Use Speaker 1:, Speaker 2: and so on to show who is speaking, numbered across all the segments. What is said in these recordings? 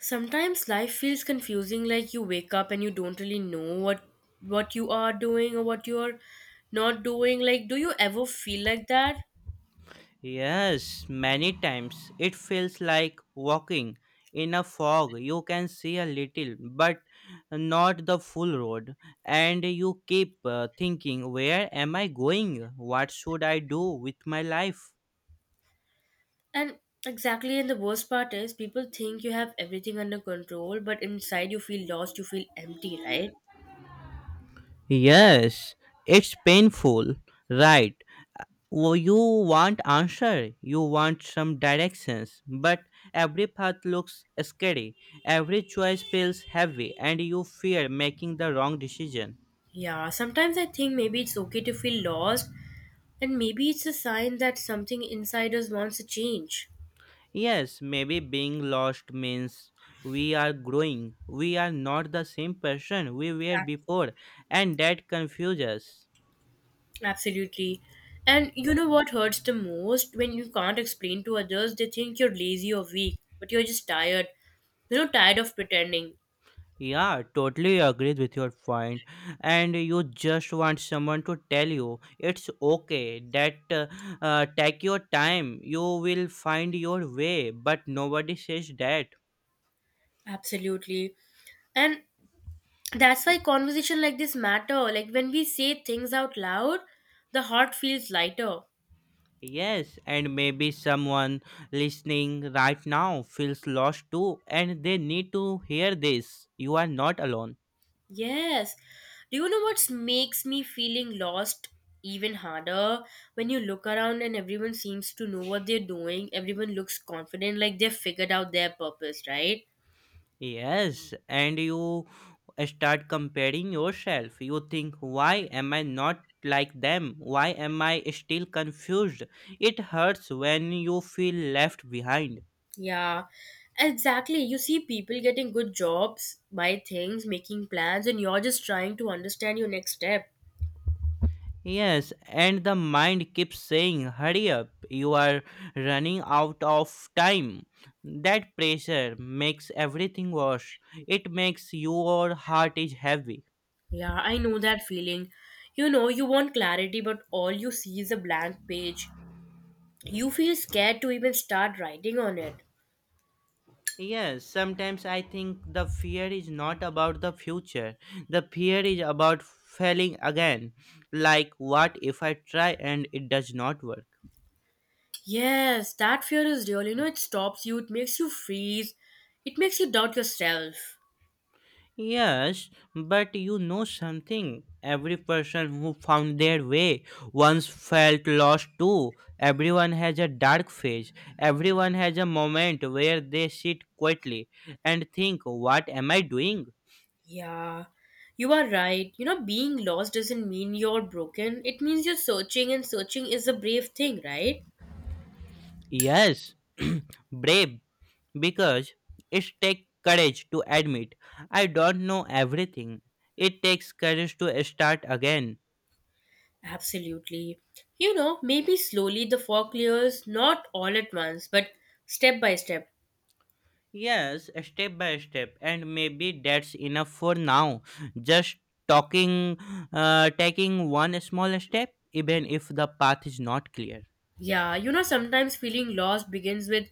Speaker 1: Sometimes life feels confusing, like you wake up and you don't really know what you are doing or what you're not doing. Like, do you ever feel like that?
Speaker 2: Yes, many times it feels like walking in a fog. You can see a little, but not the full road. And you keep thinking, where am I going? What should I do with my life?
Speaker 1: And exactly, and the worst part is people think you have everything under control, but inside you feel lost, you feel empty, right?
Speaker 2: Yes, it's painful, right? You want answer, you want some directions, but every path looks scary. Every choice feels heavy, and you fear making the wrong decision.
Speaker 1: Yeah, sometimes I think maybe it's okay to feel lost, and maybe it's a sign that something inside us wants to change.
Speaker 2: Yes, maybe being lost means we are growing. We are not the same person we were before, and that confuses us.
Speaker 1: Absolutely. And you know what hurts the most? When you can't explain to others, they think you're lazy or weak, but you're just tired. Tired of pretending.
Speaker 2: Yeah, totally agreed with your point. And you just want someone to tell you it's okay that take your time, you will find your way, but nobody says that.
Speaker 1: Absolutely. And that's why conversation like this matter. Like when we say things out loud, the heart feels lighter.
Speaker 2: Yes, and maybe someone listening right now feels lost too, and they need to hear this. You are not alone.
Speaker 1: Yes. Do you know what makes me feeling lost even harder? When you look around and everyone seems to know what they're doing, everyone looks confident like they've figured out their purpose, right?
Speaker 2: Yes, and you start comparing yourself. You think, why am I not like them? Why am I still confused? It hurts when you feel left behind.
Speaker 1: Yeah, exactly. You see people getting good jobs, buy things, making plans, and you're just trying to understand your next step.
Speaker 2: Yes, and the mind keeps saying, hurry up, you are running out of time. That pressure makes everything worse. It makes your heart is heavy.
Speaker 1: Yeah, I know that feeling. You know, you want clarity, but all you see is a blank page. You feel scared to even start writing on it.
Speaker 2: Yes, sometimes I think the fear is not about the future. The fear is about failing again. Like, what if I try and it does not work?
Speaker 1: Yes, that fear is real. You know, it stops you, it makes you freeze, it makes you doubt yourself.
Speaker 2: Yes, but you know something. Every person who found their way once felt lost too. Everyone has a dark phase. Everyone has a moment where they sit quietly and think, what am I doing?
Speaker 1: Yeah, you are right. You know, being lost doesn't mean you're broken, it means you're searching, and searching is a brave thing, right?
Speaker 2: Yes, brave, because it takes courage to admit I don't know everything. It takes courage to start again.
Speaker 1: Absolutely. You know, maybe slowly the fog clears, not all at once, but step by step.
Speaker 2: Yes, step by step, and maybe that's enough for now. Just talking, taking one small step, even if the path is not clear.
Speaker 1: Yeah, you know, sometimes feeling lost begins with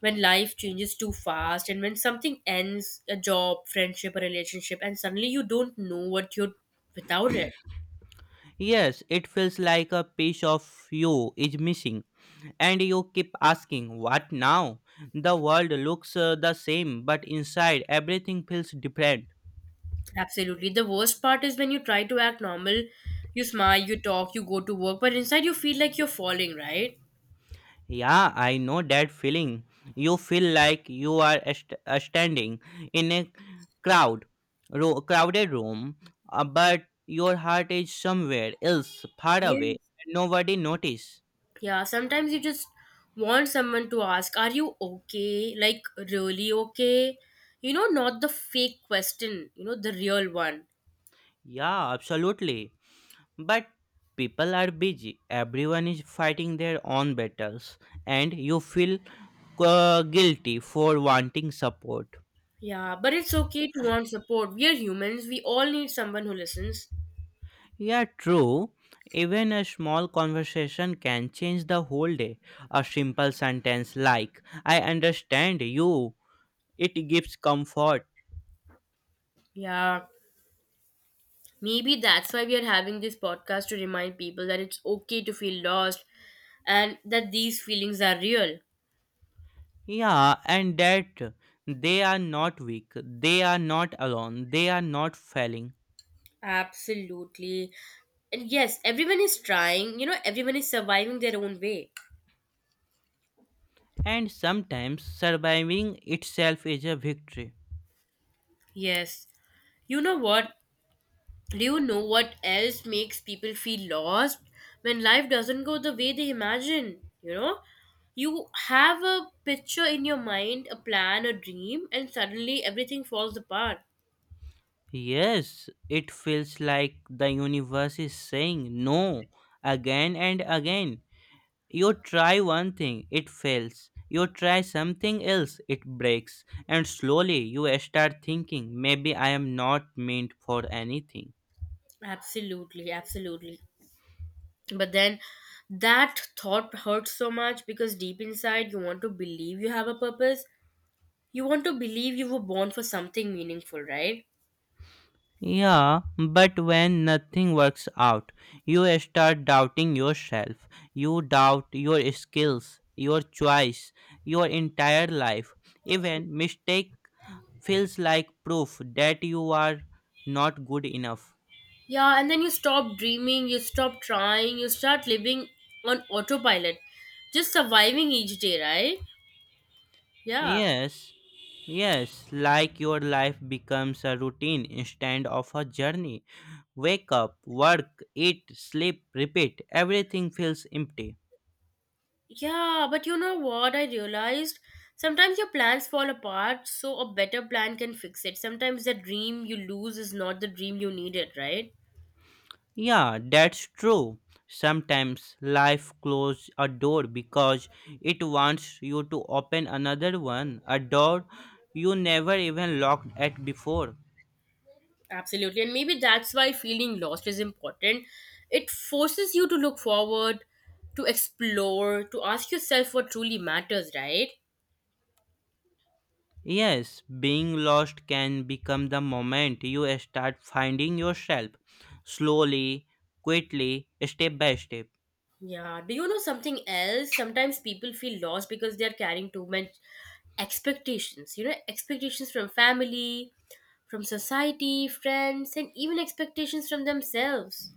Speaker 1: when life changes too fast and when something ends a job, friendship, a relationship and suddenly you don't know what you're without it.
Speaker 2: Yes, it feels like a piece of you is missing, and you keep asking, what now? The world looks the same, but inside everything feels different.
Speaker 1: Absolutely. The worst part is when you try to act normal, you smile, you talk, you go to work, but inside you feel like you're falling, right?
Speaker 2: Yeah, I know that feeling. You feel like you are standing in a crowd, crowded room, but your heart is somewhere else, far away,
Speaker 1: Yes.
Speaker 2: and nobody notice.
Speaker 1: Yeah, sometimes you just want someone to ask, are you okay? Like, really okay? You know, not the fake question, you know, the real one.
Speaker 2: Yeah, absolutely. But people are busy. Everyone is fighting their own battles, and you feel guilty for wanting support.
Speaker 1: Yeah, but it's okay to want support. We are humans, we all need someone who listens.
Speaker 2: Yeah, true. Even a small conversation can change the whole day. A simple sentence like, I understand you, it gives comfort.
Speaker 1: Yeah, maybe that's why we are having this podcast to remind people that it's okay to feel lost and that these feelings are real.
Speaker 2: Yeah, and that they are not weak, they are not alone, they are not failing.
Speaker 1: Absolutely. And yes, everyone is trying, you know, everyone is surviving their own way.
Speaker 2: And sometimes surviving itself is a victory.
Speaker 1: Yes. You know what? Do you know what else makes people feel lost? When life doesn't go the way they imagine, you know? You have a picture in your mind, a plan, a dream, and suddenly everything falls apart.
Speaker 2: Yes, it feels like the universe is saying no again and again. You try one thing, it fails. You try something else, it breaks. And slowly you start thinking, maybe I am not meant for anything.
Speaker 1: Absolutely, absolutely. But then that thought hurts so much because deep inside you want to believe you have a purpose. You want to believe you were born for something meaningful, right?
Speaker 2: Yeah, but when nothing works out, you start doubting yourself. You doubt your skills, your choice, your entire life. Even mistake feels like proof that you are not good enough.
Speaker 1: Yeah, and then you stop dreaming, you stop trying, you start living on autopilot, just surviving each day, right? Yeah.
Speaker 2: Yes, yes, like your life becomes a routine instead of a journey. Wake up, work, eat, sleep, repeat. Everything feels empty.
Speaker 1: Yeah, but you know what I realized? Sometimes your plans fall apart, so a better plan can fix it. Sometimes the dream you lose is not the dream you needed, right?
Speaker 2: Yeah, that's true. Sometimes life closes a door because it wants you to open another one, a door you never even looked at before.
Speaker 1: Absolutely. And maybe that's why feeling lost is important. It forces you to look forward, to explore, to ask yourself what truly matters, right?
Speaker 2: Yes, being lost can become the moment you start finding yourself slowly, quietly, step by step.
Speaker 1: Yeah. Do you know something else? Sometimes people feel lost because they're carrying too much expectations. You know, expectations from family, from society, friends, and even expectations from themselves.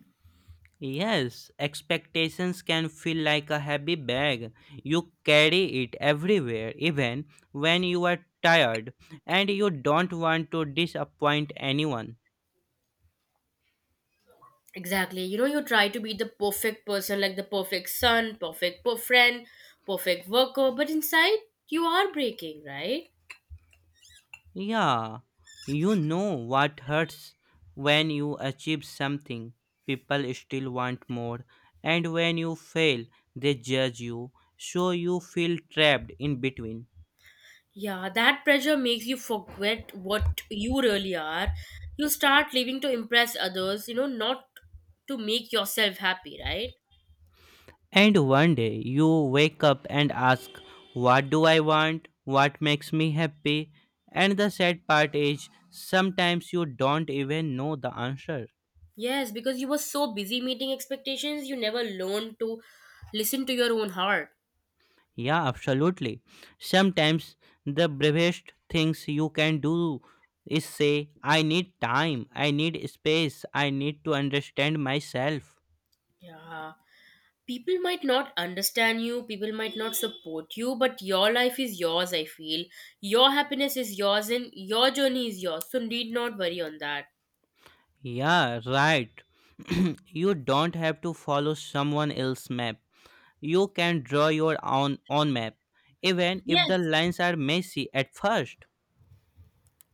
Speaker 2: Yes, expectations can feel like a heavy bag. You carry it everywhere, even when you are tired and you don't want to disappoint anyone.
Speaker 1: Exactly. You know, you try to be the perfect person, like the perfect son, friend, perfect worker, but inside you are breaking, right?
Speaker 2: Yeah, you know what hurts when you achieve something. People still want more, and when you fail, they judge you, so you feel trapped in between.
Speaker 1: Yeah, that pressure makes you forget what you really are. You start living to impress others, you know, not to make yourself happy, right?
Speaker 2: And one day you wake up and ask, what do I want? What makes me happy? And the sad part is, sometimes you don't even know the answer.
Speaker 1: Yes, because you were so busy meeting expectations, you never learned to listen to your own heart.
Speaker 2: Yeah, absolutely. Sometimes the bravest things you can do is say, I need time, I need space, I need to understand myself.
Speaker 1: Yeah. People might not understand you, people might not support you, but your life is yours, I feel. Your happiness is yours and your journey is yours, so need not worry on that.
Speaker 2: Yeah, right. You don't have to follow someone else's map. You can draw your own map, even if the
Speaker 1: Yes,
Speaker 2: lines are messy at first.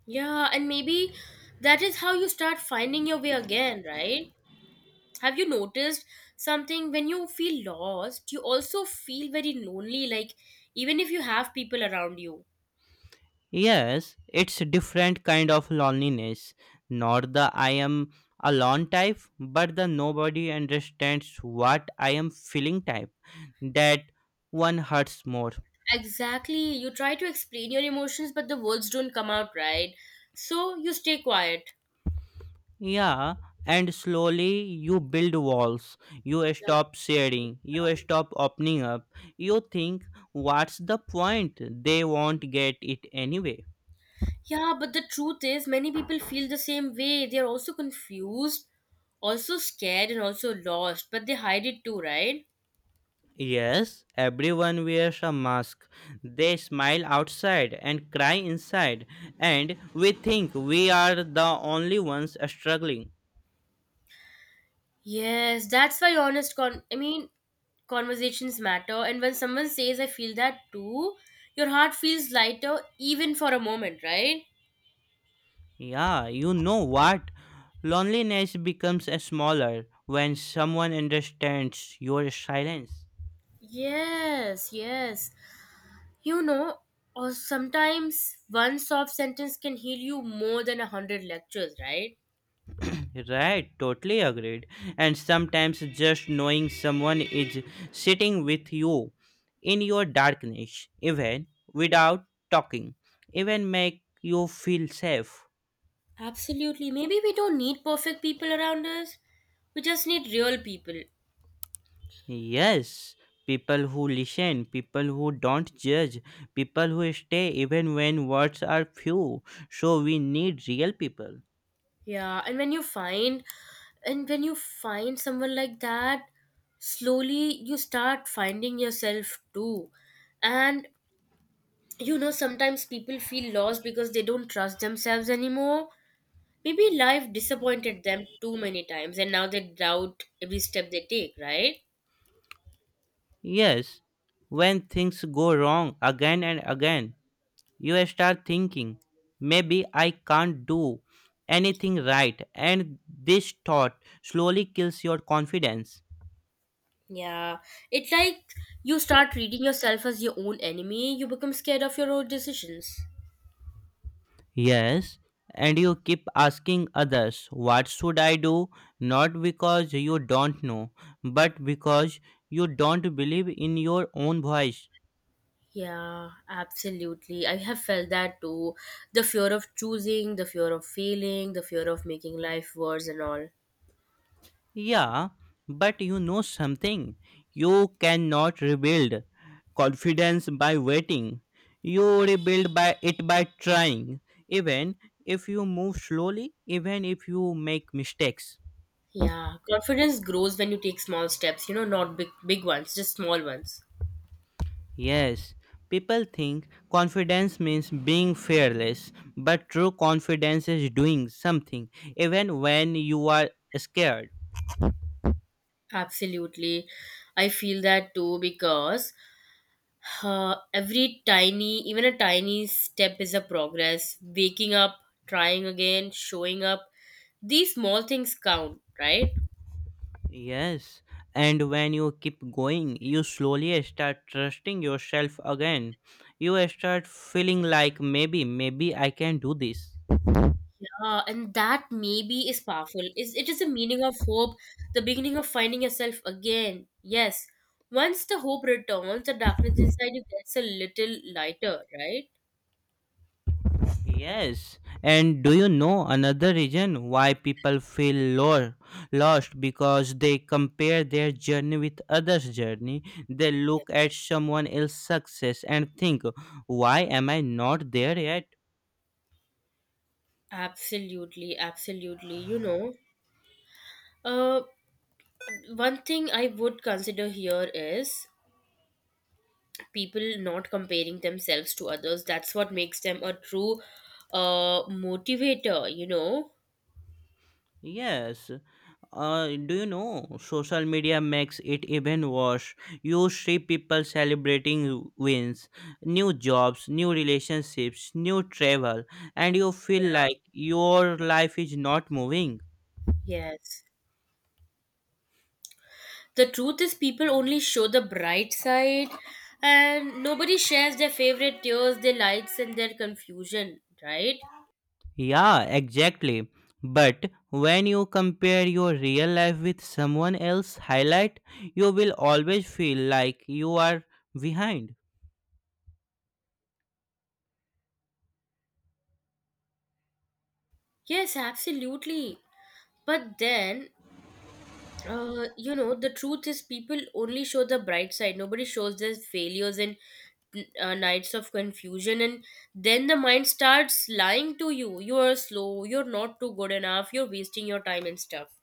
Speaker 1: yeah, and maybe that is how you start finding your way again, right? Have you noticed something when you feel lost, you also feel very lonely, like even if you have people around you?
Speaker 2: Yes, it's a different kind of loneliness, not the I am alone type, but the nobody understands what I am feeling type. That one hurts more.
Speaker 1: Exactly. You try to explain your emotions, but the words don't come out right. So you stay quiet.
Speaker 2: Yeah, and slowly you build walls, you
Speaker 1: Yeah,
Speaker 2: stop sharing, you stop opening up, you think what's the point? They won't get it anyway.
Speaker 1: yeah, but the truth is, many people feel the same way. They are also confused, also scared, and also lost, but they hide it too, right?
Speaker 2: Yes, everyone wears a mask. They smile outside and cry inside, and we think we are the only ones struggling.
Speaker 1: Yes, that's why honest conversations matter and when someone says I feel that too, your heart feels lighter even for a moment, right?
Speaker 2: Yeah, you know what? Loneliness becomes smaller when someone understands your silence.
Speaker 1: Yes, yes. You know, or sometimes one soft sentence can heal you more than a hundred lectures, right?
Speaker 2: Right, totally agreed. And sometimes just knowing someone is sitting with you in your darkness, even without talking, even make you feel safe.
Speaker 1: Absolutely. Maybe we don't need perfect people around us. We just need real people.
Speaker 2: Yes, people who listen, people who don't judge, people who stay even when words are few. So we need real people.
Speaker 1: Yeah, and when you find someone like that, slowly you start finding yourself too. And you know, sometimes people feel lost because they don't trust themselves anymore. Maybe life disappointed them too many times and now they doubt every step they take, right?
Speaker 2: Yes, when things go wrong again and again, you start thinking, maybe I can't do anything right, and this thought slowly kills your confidence.
Speaker 1: Yeah. It's like you start reading yourself as your own enemy, you become scared of your own decisions.
Speaker 2: Yes, and you keep asking others, what should I do? Not because you don't know, but because you don't believe in your own voice.
Speaker 1: Yeah, absolutely. I have felt that too. The fear of choosing, the fear of failing, the fear of making life worse and all.
Speaker 2: Yeah, but you know something. You cannot rebuild confidence by waiting. You rebuild by trying. Even if you move slowly, even if you make mistakes.
Speaker 1: Yeah, confidence grows when you take small steps, you know, not big big ones, just small ones.
Speaker 2: Yes, people think confidence means being fearless, but true confidence is doing something even when you are scared.
Speaker 1: Absolutely. I feel that too because even a tiny step is a progress. Waking up, trying again, showing up. These small things count, right?
Speaker 2: Yes, and when you keep going, you slowly start trusting yourself again. You start feeling like maybe I can do this.
Speaker 1: Yeah, and that maybe is powerful. Is it is the meaning of hope, the beginning of finding yourself again. Yes. Once the hope returns, the darkness inside you gets a little lighter, right?
Speaker 2: Yes, and do you know another reason why people feel lost? Because they compare their journey with others' journey. They look at someone else's success and think, why am I not there yet?
Speaker 1: Absolutely, absolutely. You know, uh, one thing I would consider here is people not comparing themselves to others. That's what makes them a true motivator, you know?
Speaker 2: Yes, uh, do you know social media makes it even worse? You see people celebrating wins, new jobs, new relationships, new travel, and you feel
Speaker 1: Yeah.
Speaker 2: like your life is not moving.
Speaker 1: Yes. The truth is people only show the bright side and nobody shares their favorite tears their lights and their confusion, right?
Speaker 2: Yeah, exactly. But when you compare your real life with someone else's highlight, you will always feel like you are behind.
Speaker 1: Yes, absolutely. But then you know the truth is people only show the bright side, nobody shows their failures and nights of confusion and then the mind starts lying to you, you are slow, you're not too good enough, you're wasting your time and stuff.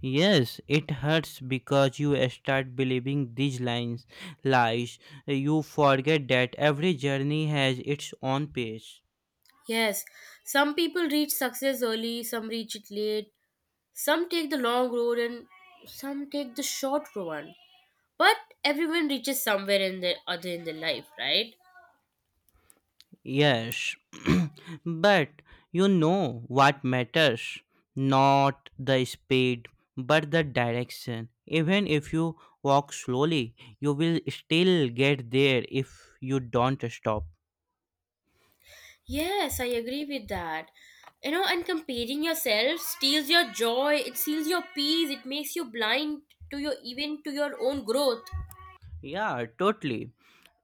Speaker 2: Yes, it hurts because you start believing these lies. You forget that every journey has its own pace.
Speaker 1: Yes, some people reach success early, some reach it late, some take the long road and some take the short one. But everyone reaches somewhere in their life, right?
Speaker 2: Yes, but you know what matters, not the speed but the direction. Even if you walk slowly, you will still get there if you don't stop.
Speaker 1: Yes, I agree with that. You know, and comparing yourself steals your joy, it steals your peace, it makes you blind to your even to your own growth.
Speaker 2: Yeah, totally.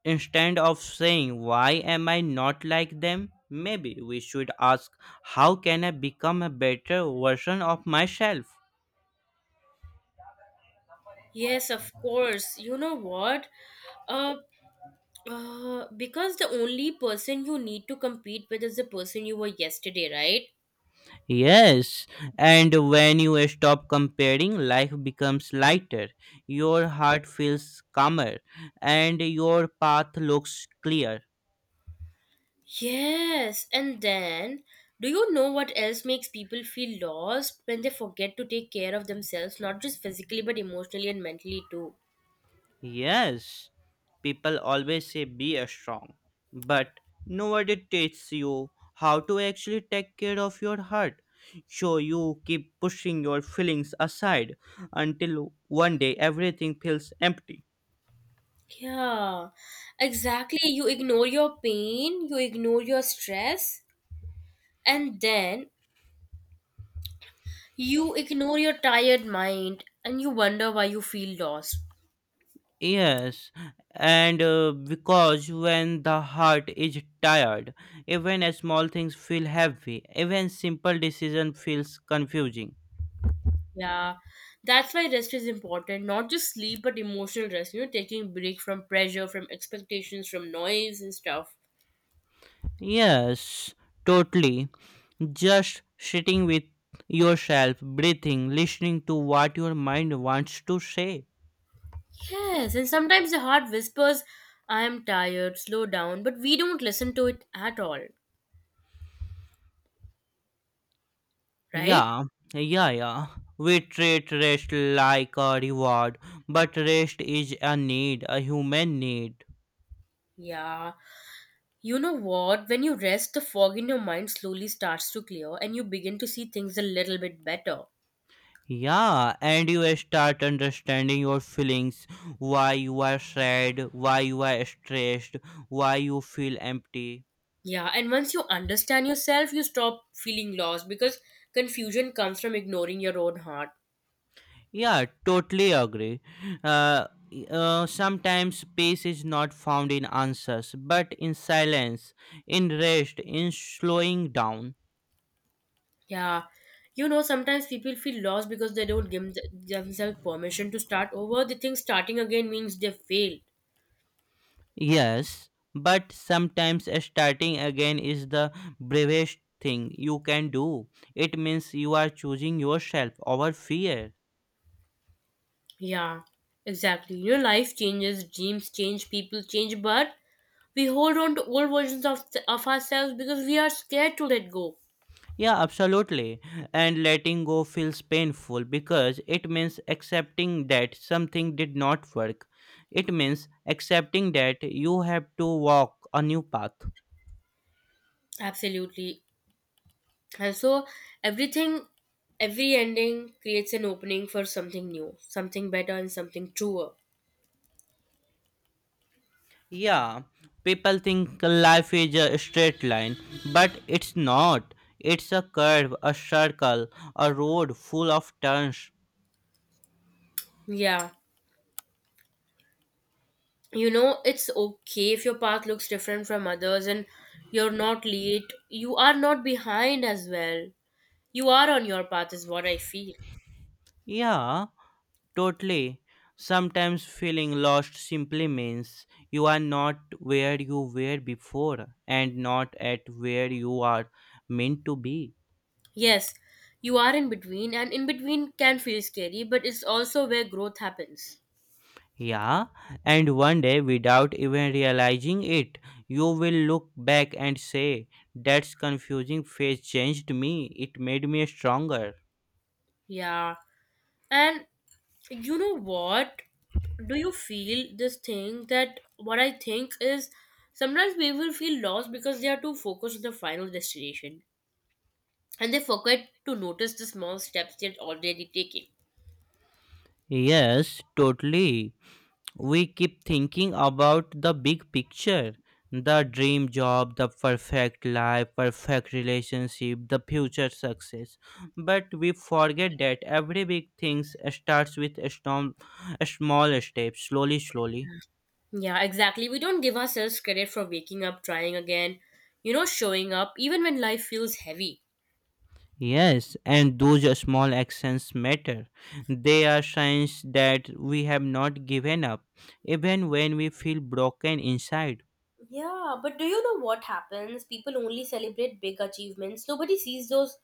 Speaker 2: Instead of saying, why am I not like them? Maybe we should ask, how can I become a better version of myself?
Speaker 1: Yes, of course. You know what? Uh, because the only person you need to compete with is the person you were yesterday, right?
Speaker 2: Yes, and when you stop comparing, life becomes lighter, your heart feels calmer, and your path looks clear.
Speaker 1: Yes, and then do you know what else makes people feel lost when they forget to take care of themselves, not just physically but emotionally and mentally too?
Speaker 2: Yes, people always say be a strong, but nobody teaches you how to actually take care of your heart. So you keep pushing your feelings aside until one day everything feels empty.
Speaker 1: Yeah, exactly. You ignore your pain, you ignore your stress, and then you ignore your tired mind and you wonder why you feel lost.
Speaker 2: Yes, and because when the heart is tired, even small things feel heavy, even simple decision feels confusing.
Speaker 1: Yeah, that's why rest is important, not just sleep but emotional rest, you know, taking break from pressure, from expectations, from noise and stuff.
Speaker 2: Yes, totally. Just sitting with yourself, breathing, listening to what your mind wants to say.
Speaker 1: Yes, and sometimes the heart whispers, I am tired, slow down, but we don't listen to it at all, right?
Speaker 2: Yeah, yeah, yeah. We treat rest like a reward, but rest is a need, a human need.
Speaker 1: Yeah. You know what? When you rest, the fog in your mind slowly starts to clear and you begin to see things a little bit better.
Speaker 2: Yeah, and you start understanding your feelings, why you are sad, why you are stressed, why you feel empty.
Speaker 1: Yeah, and once you understand yourself, you stop feeling lost because confusion comes from ignoring your own heart.
Speaker 2: Yeah, totally agree. Uh, Sometimes peace is not found in answers, but in silence, in rest, in slowing down.
Speaker 1: Yeah. You know, sometimes people feel lost because they don't give themselves permission to start over. They think starting again means they failed.
Speaker 2: Yes, but sometimes starting again is the bravest thing you can do. It means you are choosing yourself over fear.
Speaker 1: Yeah, exactly. You know, life changes, dreams change, people change, but we hold on to old versions of ourselves because we are scared to let go.
Speaker 2: Yeah, absolutely. And letting go feels painful because it means accepting that something did not work. It means accepting that you have to walk a new path.
Speaker 1: Absolutely. And so, everything, every ending creates an opening for something new, something better, and something truer.
Speaker 2: Yeah, people think life is a straight line, but it's not. It's a curve, a circle, a road full of turns.
Speaker 1: Yeah. You know, it's okay if your path looks different from others and you're not late. You are not behind as well. You are on your path, is what I feel.
Speaker 2: Yeah, totally. Sometimes feeling lost simply means you are not where you were before and not at where you are meant to be.
Speaker 1: Yes, you are in between, and in between can feel scary, but it's also where growth happens.
Speaker 2: Yeah, and one day, without even realizing it, you will look back and say, that's confusing phase changed me, it made me stronger.
Speaker 1: Yeah. And you know what? Do you feel this thing that what I think is sometimes people feel lost because they are too focused on the final destination and they forget to notice the small steps they're already taking.
Speaker 2: Yes, totally. We keep thinking about the big picture, the dream job, the perfect life, perfect relationship, the future success, but we forget that every big thing starts with a storm, a small step, slowly.
Speaker 1: Yeah, exactly. We don't give ourselves credit for waking up, trying again, you know, showing up, even when life feels heavy.
Speaker 2: Yes, and those small actions matter, they are signs that we have not given up even when we feel broken inside.
Speaker 1: Yeah, but do you know what happens? People only celebrate big achievements. Nobody sees those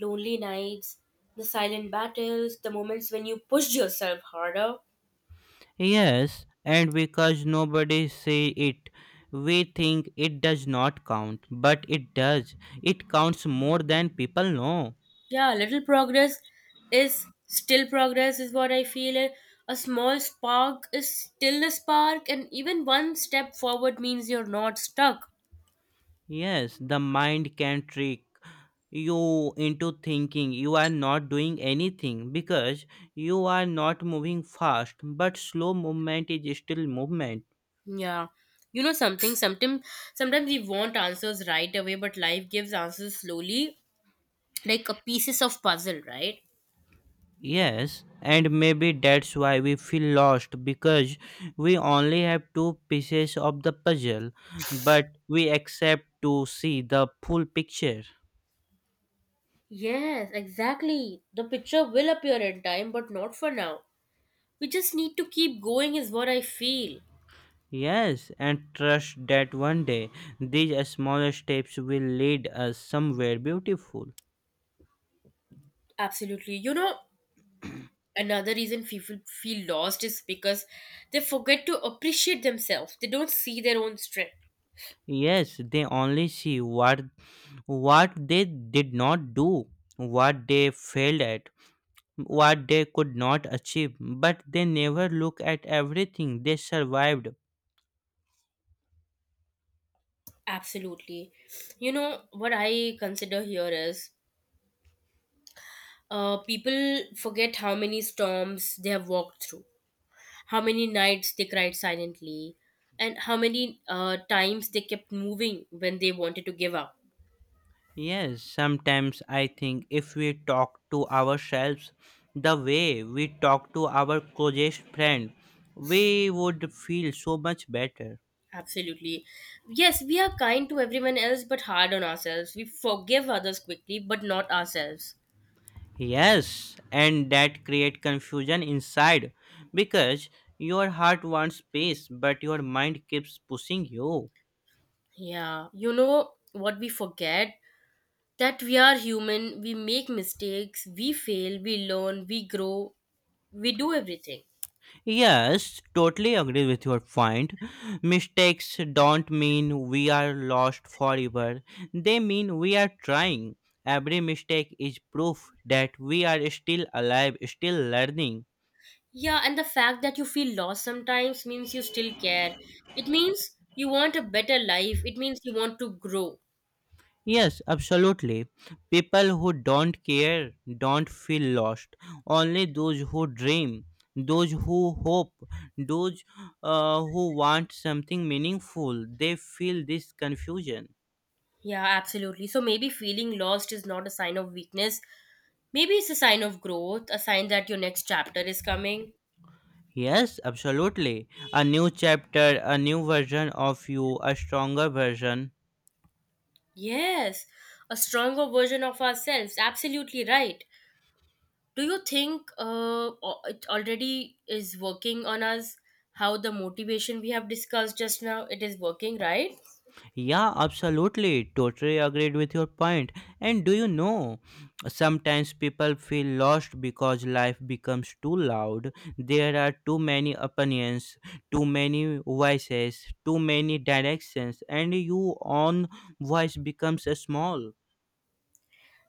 Speaker 1: lonely nights, the silent battles, the moments when you pushed yourself harder.
Speaker 2: Yes, and because nobody say it, we think it does not count, but it does. It counts more than people know.
Speaker 1: Yeah, little progress is still progress, is what I feel. A small spark is still a spark, and even one step forward means you're not stuck.
Speaker 2: Yes, the mind can trick you into thinking you are not doing anything because you are not moving fast, but slow movement is still movement.
Speaker 1: Yeah. You know something, sometimes we want answers right away, but life gives answers slowly, like a pieces of puzzle, right?
Speaker 2: Yes, and maybe that's why we feel lost because we only have two pieces of the puzzle, but we accept to see the full picture.
Speaker 1: Yes, exactly. The picture will appear in time, but not for now. We just need to keep going, is what I feel.
Speaker 2: Yes, and trust that one day these small steps will lead us somewhere beautiful.
Speaker 1: Absolutely. You know, another reason people feel lost is because they forget to appreciate themselves, they don't see their own strength.
Speaker 2: Yes, they only see what they did not do, what they failed at, what they could not achieve, but they never look at everything they survived.
Speaker 1: Absolutely. You know, what I consider here is people forget how many storms they have walked through, how many nights they cried silently, and how many times they kept moving when they wanted to give up.
Speaker 2: Yes, sometimes I think if we talk to ourselves the way we talk to our closest friend, we would feel so much better.
Speaker 1: Absolutely. Yes, we are kind to everyone else but hard on ourselves. We forgive others quickly but not ourselves.
Speaker 2: Yes, and that create confusion inside because your heart wants peace but your mind keeps pushing you.
Speaker 1: Yeah, you know what we forget? That we are human, we make mistakes, we fail, we learn, we grow, we do everything.
Speaker 2: Yes, totally agree with your point. Mistakes don't mean we are lost forever, they mean we are trying. Every mistake is proof that we are still alive, still learning.
Speaker 1: Yeah, and the fact that you feel lost sometimes means you still care. It means you want a better life, it means you want to grow.
Speaker 2: Yes, absolutely. People who don't care don't feel lost. Only those who dream, those who hope, those who want something meaningful, they feel this confusion.
Speaker 1: Yeah, absolutely. So maybe feeling lost is not a sign of weakness, maybe it's a sign of growth, a sign that your next chapter is coming.
Speaker 2: Yes, absolutely. A new chapter, a new version of you, a stronger version.
Speaker 1: Yes, a stronger version of ourselves. Absolutely right. Do you think it already is working on us? How the motivation we have discussed just now, it is working, right?
Speaker 2: Yeah, absolutely. Totally agreed with your point. And do you know, sometimes people feel lost because life becomes too loud. There are too many opinions, too many voices, too many directions, and your own voice becomes small.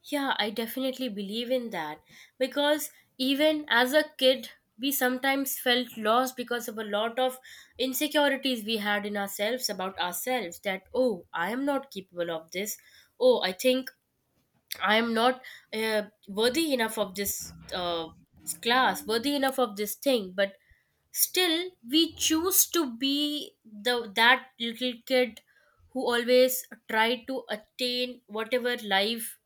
Speaker 1: Yeah, I definitely believe in that because even as a kid, we sometimes felt lost because of a lot of insecurities we had in ourselves about ourselves that, oh, I am not capable of this. Oh, I think I am not worthy enough of this class, worthy enough of this thing. But still, we choose to be the that little kid who always tried to attain whatever life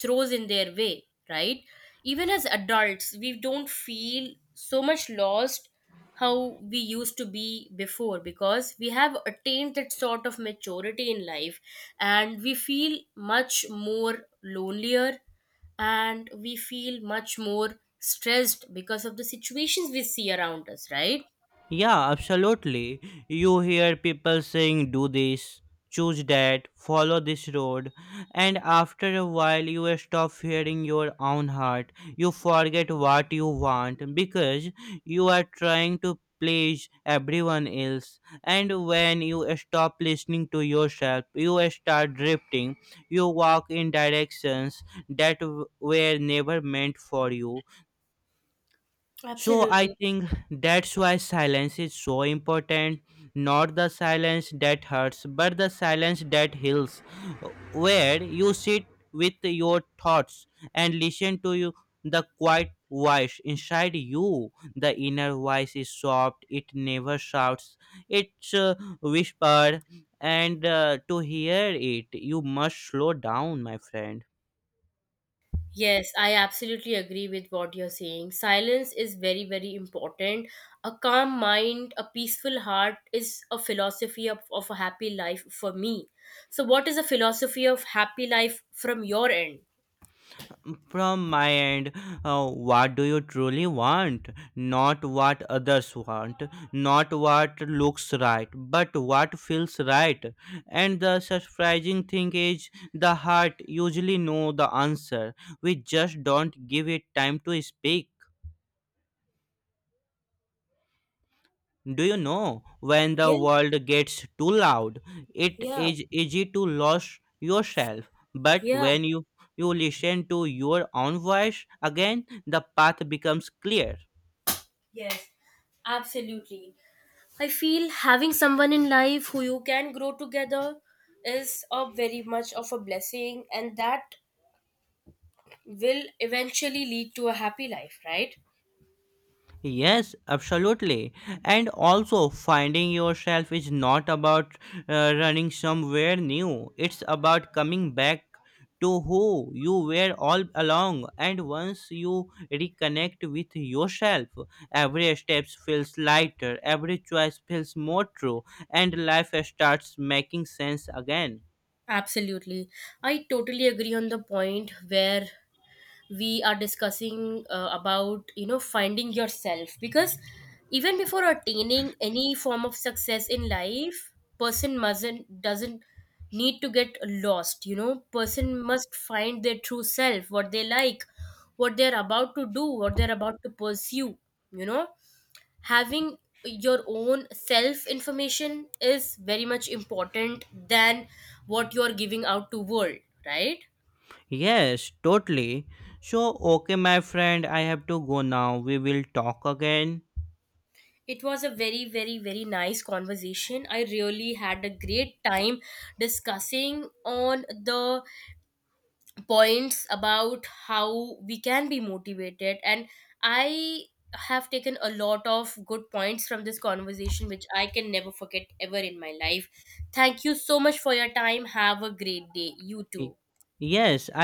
Speaker 1: throws in their way, right? Even as adults, we don't feel so much lost how we used to be before because we have attained that sort of maturity in life and we feel much more lonelier and we feel much more stressed because of the situations we see around us, right?
Speaker 2: Yeah, absolutely. You hear people saying, do this, choose that, follow this road, and after a while, you stop hearing your own heart. You forget what you want because you are trying to please everyone else. And when you stop listening to yourself, you start drifting. You walk in directions that were never meant for you, so I
Speaker 1: Absolutely.
Speaker 2: think that's why silence is so important. Not the silence that hurts, but the silence that heals, where you sit with your thoughts and listen to you the quiet voice inside you. The inner voice is soft; it never shouts. It's whispered, and to hear it, you must slow down, my friend.
Speaker 1: Yes, I absolutely agree with what you're saying. Silence is very, very important. A calm mind, a peaceful heart is a philosophy of a happy life for me. So, what is a philosophy of happy life from your end?
Speaker 2: From my end, what do you truly want? Not what others want, not what looks right, but what feels right. And the surprising thing is, the heart usually know the answer. We just don't give it time to speak. Do you know when the
Speaker 1: Yeah,
Speaker 2: world gets too loud, it
Speaker 1: yeah,
Speaker 2: is easy to lose yourself. But
Speaker 1: yeah.
Speaker 2: when you listen to your own voice again, the path becomes clear.
Speaker 1: Yes, absolutely. I feel having someone in life who you can grow together is a very much of a blessing, and that will eventually lead to a happy life, right?
Speaker 2: Yes, absolutely. And also, finding yourself is not about running somewhere new, it's about coming back to who you were all along. And once you reconnect with yourself, every step feels lighter, every choice feels more true, and life starts making sense again.
Speaker 1: Absolutely. I totally agree on the point where we are discussing about, you know, finding yourself because even before attaining any form of success in life, person mustn't doesn't need to get lost, you know. Person must find their true self, what they like, what they're about to do, what they're about to pursue, you know, having your own self information is very much important than what you're giving out to world, right.
Speaker 2: Yes, totally. So, okay, my friend, I have to go now. We will talk again.
Speaker 1: It was a very, very, very nice conversation. I really had a great time discussing on the points about how we can be motivated, and I have taken a lot of good points from this conversation which I can never forget ever in my life. Thank you so much for your time. Have a great day. You
Speaker 2: Y-
Speaker 1: too.
Speaker 2: Yes, I